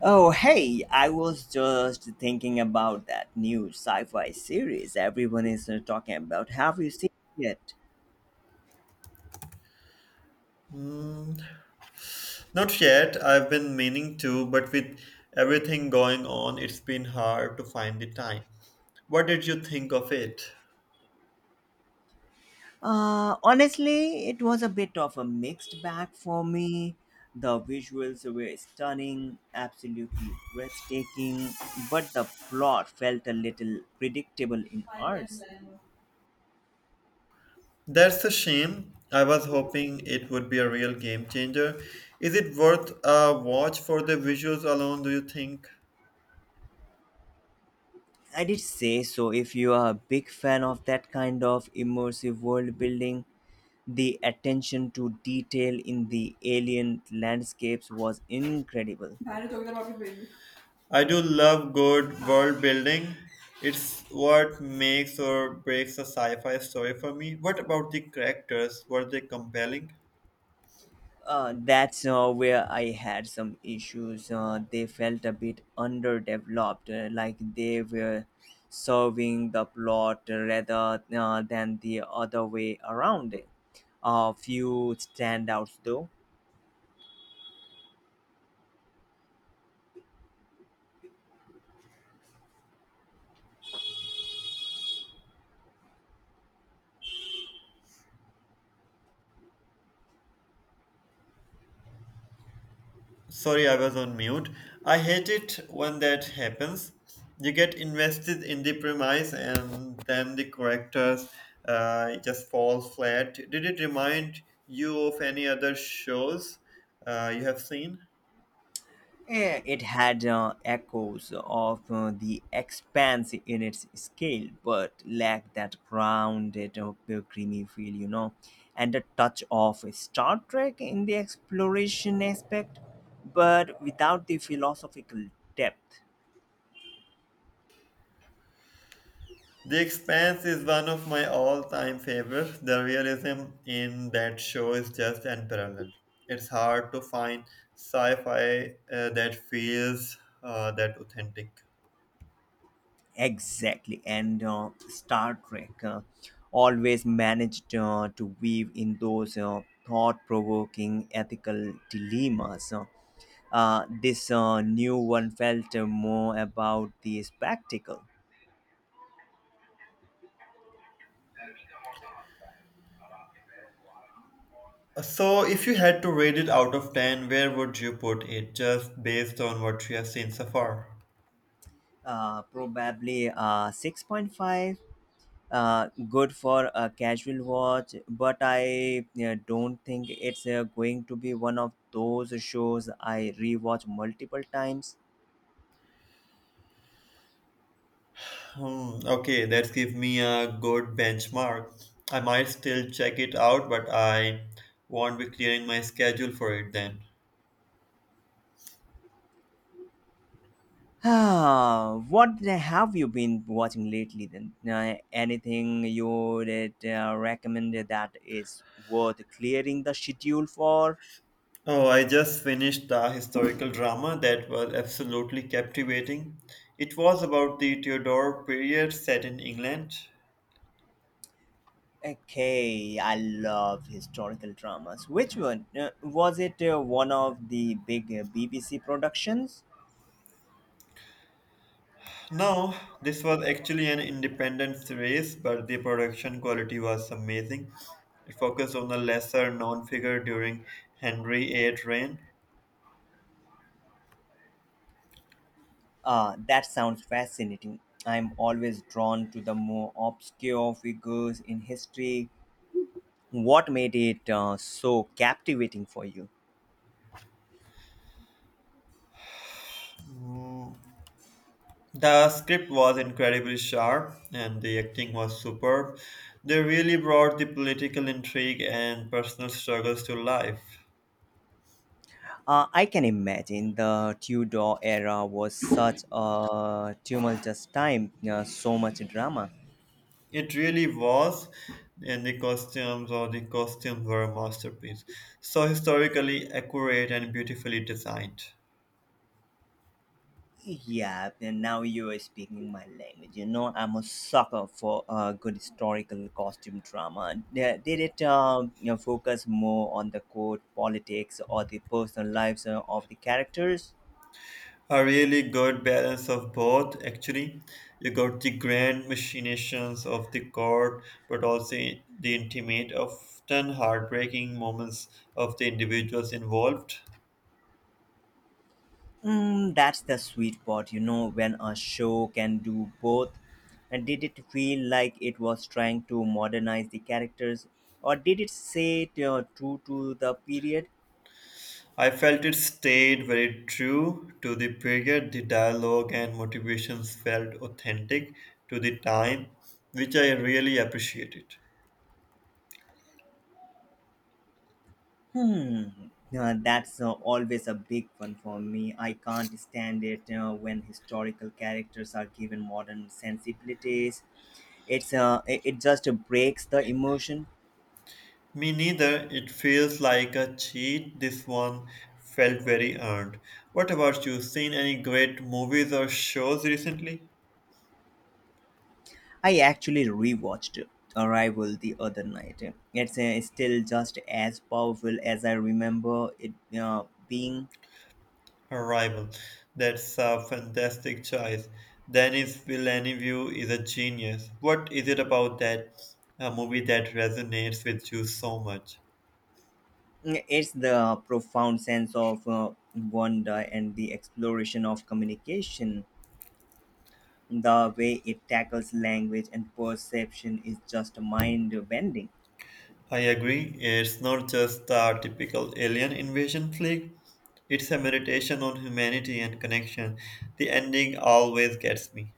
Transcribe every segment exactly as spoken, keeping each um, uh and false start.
Oh, hey, I was just thinking about that new sci fi series everyone is uh, talking about. Have you seen it? yet? Mm, not yet. I've been meaning to, but with everything going on, it's been hard to find the time. What did you think of it? Uh, honestly, it was a bit of a mixed bag for me. The visuals were stunning, absolutely breathtaking, but the plot felt a little predictable in ours. That's a shame. I was hoping it would be a real game changer. Is it worth a watch for the visuals alone, do you think? I did say so if you are a big fan of that kind of immersive world building. The attention to detail in the alien landscapes was incredible. I do love good world building. It's what makes or breaks a sci fi story for me. What about the characters? Were they compelling? Uh, that's uh, where I had some issues. Uh, they felt a bit underdeveloped, uh, like they were serving the plot rather uh, than the other way around. A few standouts, though. Sorry, I was on mute. I hate it when that happens. You get invested in the premise and then the characters uh, just fall flat. Did it remind you of any other shows uh, you have seen? Eh, It had uh, echoes of uh, the expanse in its scale, but lacked that grounded, uh, creamy feel, you know, and a touch of Star Trek in the exploration aspect, but without the philosophical depth. The Expanse is one of my all time favorites. The realism in that show is just unparalleled. It's hard to find sci fi uh, that feels uh, that authentic. Exactly, and uh, Star Trek uh, always managed uh, to weave in those uh, thought provoking ethical dilemmas. Uh, Uh, this uh, new one felt uh, more about the spectacle. So, if you had to rate it out of ten, where would you put it just based on what you have seen so far? Uh, probably uh, six point five, uh, good for a casual watch, but I uh, don't think it's uh, going to be one of those shows I rewatch multiple times. Hmm, okay, that's give me a good benchmark. I might still check it out, but I won't be clearing my schedule for it then. Ah, what the- have you been watching lately then? Uh, anything you would uh, recommend that is worth clearing the schedule for? Oh, I just finished a historical drama that was absolutely captivating. It was about the Tudor period set in England. Okay, I love historical dramas. Which one? Uh, was it uh, one of the big uh, B B C productions? No, this was actually an independent race, but the production quality was amazing. It focused on a lesser known figure during Henry eight reign. Ah, that sounds fascinating. I'm always drawn to the more obscure figures in history. What made it uh, so captivating for you? Mm, The script was incredibly sharp and the acting was superb. They really brought the political intrigue and personal struggles to life. Uh, I can imagine the Tudor era was such a tumultuous time, uh, so much drama. It really was, and the costumes or the costumes were a masterpiece. So historically accurate and beautifully designed. Yeah, and now you are speaking my language. You know, I'm a sucker for uh, good historical costume drama. Yeah, did it um, you know, focus more on the court, politics, or the personal lives uh, of the characters? A really good balance of both, actually. You got the grand machinations of the court, but also the intimate, often heartbreaking moments of the individuals involved. Mm, that's the sweet part, you know, when a show can do both. And did it feel like it was trying to modernize the characters, or did it say it, uh, true to the period? I felt it stayed very true to the period. The dialogue and motivations felt authentic to the time, which I really appreciated. Hmm. Uh, that's uh, always a big one for me. I can't stand it uh, when historical characters are given modern sensibilities. It's uh, it, it just breaks the emotion. Me neither. It feels like a cheat. This one felt very earned. What about you? Seen any great movies or shows recently? I actually rewatched Arrival the other night. It's uh, still just as powerful as I remember it uh, being. Arrival. That's a fantastic choice. Denis Villeneuve is a genius. What is it about that a movie that resonates with you so much? It's the profound sense of uh, wonder and the exploration of communication. The way it tackles language and perception is just mind bending. I agree. It's not just a typical alien invasion flick. It's a meditation on humanity and connection. The ending always gets me.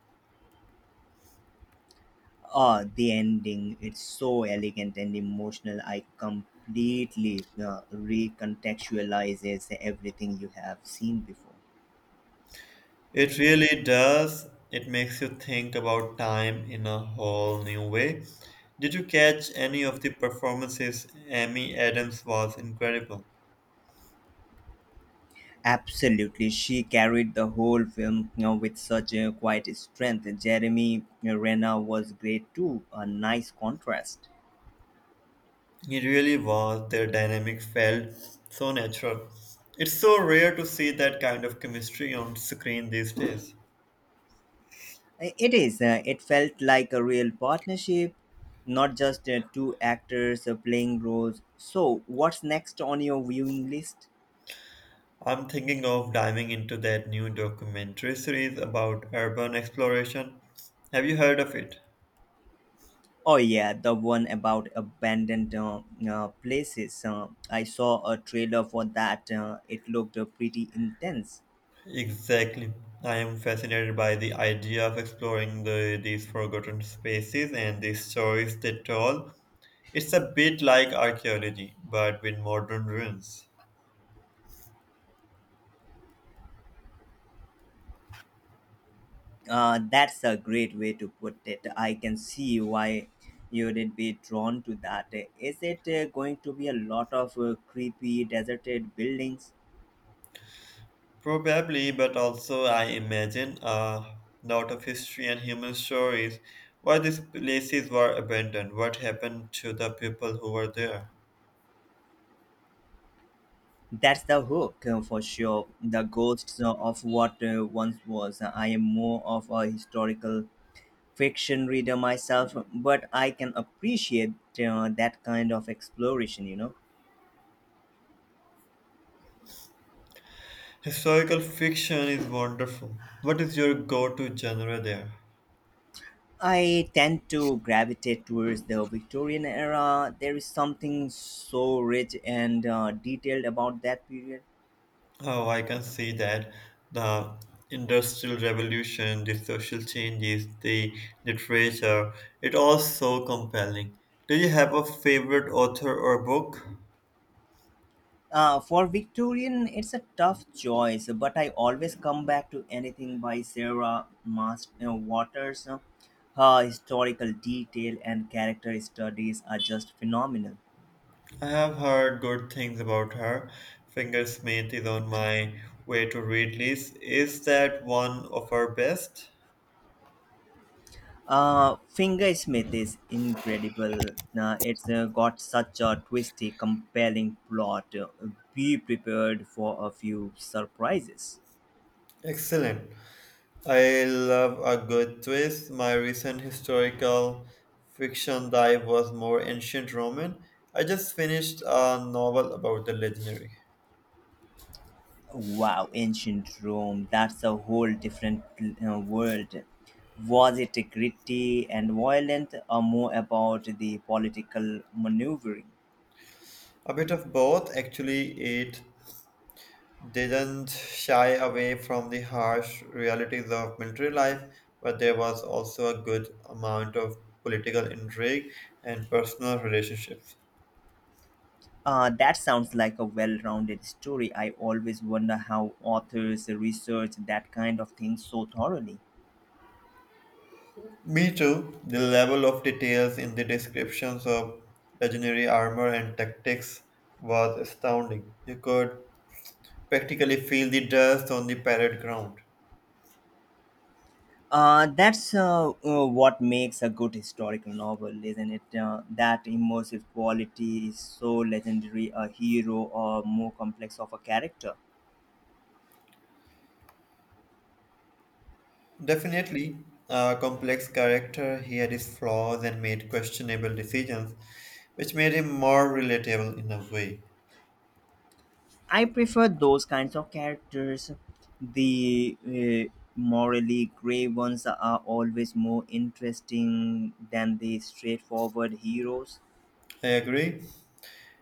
Ah, the ending, it's so elegant and emotional. I completely uh, recontextualizes everything you have seen before. It really does. It makes you think about time in a whole new way. Did you catch any of the performances? Amy Adams was incredible. Absolutely, she carried the whole film, you know, with such a quiet strength. Jeremy Renner was great too, a nice contrast. It really was. Their dynamic felt so natural. It's so rare to see that kind of chemistry on screen these days. It is. Uh, it felt like a real partnership, not just uh, two actors uh, playing roles. So, what's next on your viewing list? I'm thinking of diving into that new documentary series about urban exploration. Have you heard of it? Oh, yeah, the one about abandoned uh, uh, places. Uh, I saw a trailer for that. Uh, it looked uh, pretty intense. Exactly. I am fascinated by the idea of exploring the, these forgotten spaces and the stories they tell. It's a bit like archaeology, but with modern ruins. Uh, that's a great way to put it. I can see why you'd be drawn to that. Is it uh, going to be a lot of uh, creepy, deserted buildings? Probably, but also I imagine a lot of history and human stories. Why these places were abandoned, what happened to the people who were there. That's the hook uh, for sure. The ghosts uh, of what uh, once was. I am more of a historical fiction reader myself, but I can appreciate uh, that kind of exploration, you know. Historical fiction is wonderful. What is your go to genre there? I tend to gravitate towards the Victorian era. There is something so rich and uh, detailed about that period. Oh, I can see that the industrial revolution, the social changes, the literature, it all so compelling. Do you have a favorite author or book? Uh, for Victorian, it's a tough choice, but I always come back to anything by Sarah Mas- uh, Waters. Her historical detail and character studies are just phenomenal. I have heard good things about her. Fingersmith is on my way to read list. Is that one of her best? Uh, Fingersmith is incredible. Uh, it's uh, got such a twisty, compelling plot. Uh, be prepared for a few surprises. Excellent. I love a good twist. My recent historical fiction dive was more ancient Roman. I just finished a novel about the legendary. Wow, ancient Rome, that's a whole different uh, world. Was it gritty and violent, or more about the political maneuvering? A bit of both, actually, it didn't shy away from the harsh realities of military life, but there was also a good amount of political intrigue and personal relationships. Uh, that sounds like a well rounded story. I always wonder how authors research that kind of thing so thoroughly. Me too. The level of details in the descriptions of legendary armor and tactics was astounding. You could practically feel the dust on the parade ground. Uh, that's uh, uh, what makes a good historical novel, isn't it? Uh, that immersive quality is so legendary a hero or more complex of a character. Definitely a complex character, he had his flaws and made questionable decisions, which made him more relatable in a way. I prefer those kinds of characters. The uh, morally gray ones are always more interesting than the straightforward heroes. I agree.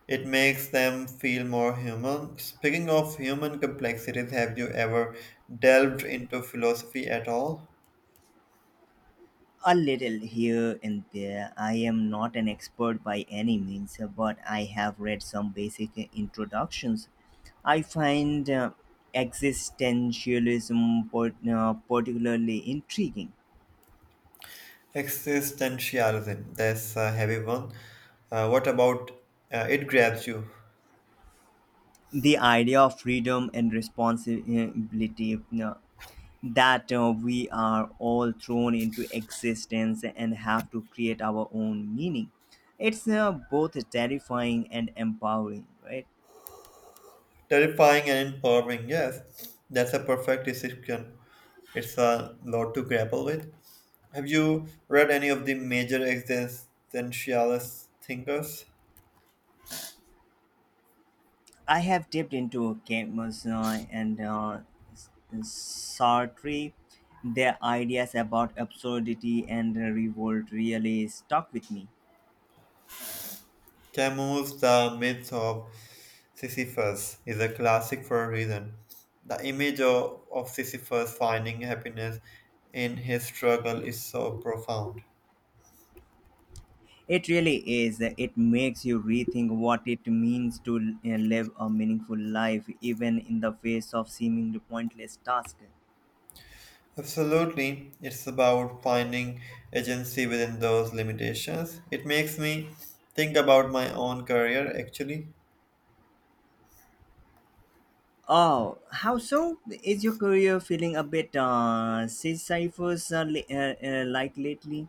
It makes them feel more human. Speaking of human complexities, have you ever delved into philosophy at all? A little here and there. I am not an expert by any means, but I have read some basic introductions. I find uh, existentialism part- uh, particularly intriguing. Existentialism, that's a heavy one. Uh, what about uh, it grabs you? The idea of freedom and responsibility, uh, that uh, we are all thrown into existence and have to create our own meaning. It's uh, both terrifying and empowering, right? Terrifying and empowering, yes. That's a perfect description. It's a lot to grapple with. Have you read any of the major existentialist thinkers? I have dipped into Camus uh, and uh, S- Sartre. Their ideas about absurdity and revolt really stuck with me. Camus' The Myth of Sisyphus is a classic for a reason. The image of, of Sisyphus finding happiness in his struggle is so profound. It really is. It makes you rethink what it means to uh, live a meaningful life, even in the face of seemingly pointless tasks. Absolutely. It's about finding agency within those limitations. It makes me think about my own career actually. Oh, how so? Is your career feeling a bit uh, sisyphus uh, li- uh, uh, like lately?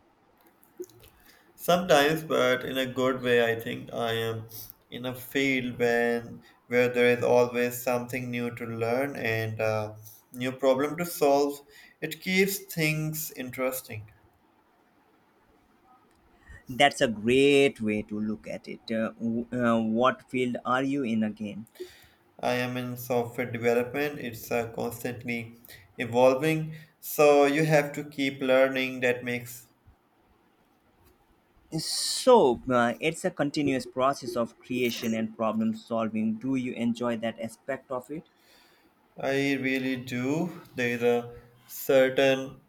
Sometimes, but in a good way, I think I am in a field when where there is always something new to learn and a new problem to solve. It keeps things interesting. That's a great way to look at it. Uh, w- uh, what field are you in again? I am in software development. It's uh, constantly evolving, so you have to keep learning. That makes So, uh, it's a continuous process of creation and problem solving. Do you enjoy that aspect of it? I really do. There is a certain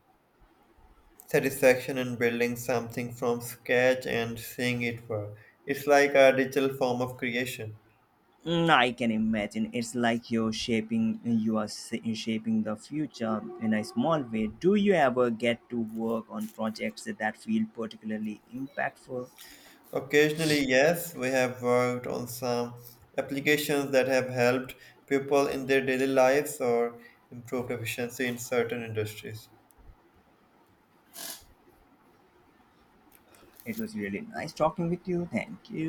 satisfaction in building something from scratch and seeing it work. It's like a digital form of creation. Mm, I can imagine. It's like you're shaping, you are s- shaping the future in a small way. Do you ever get to work on projects that feel particularly impactful? Occasionally, yes, we have worked on some applications that have helped people in their daily lives or improved efficiency in certain industries. It was really nice talking with you. Thank you.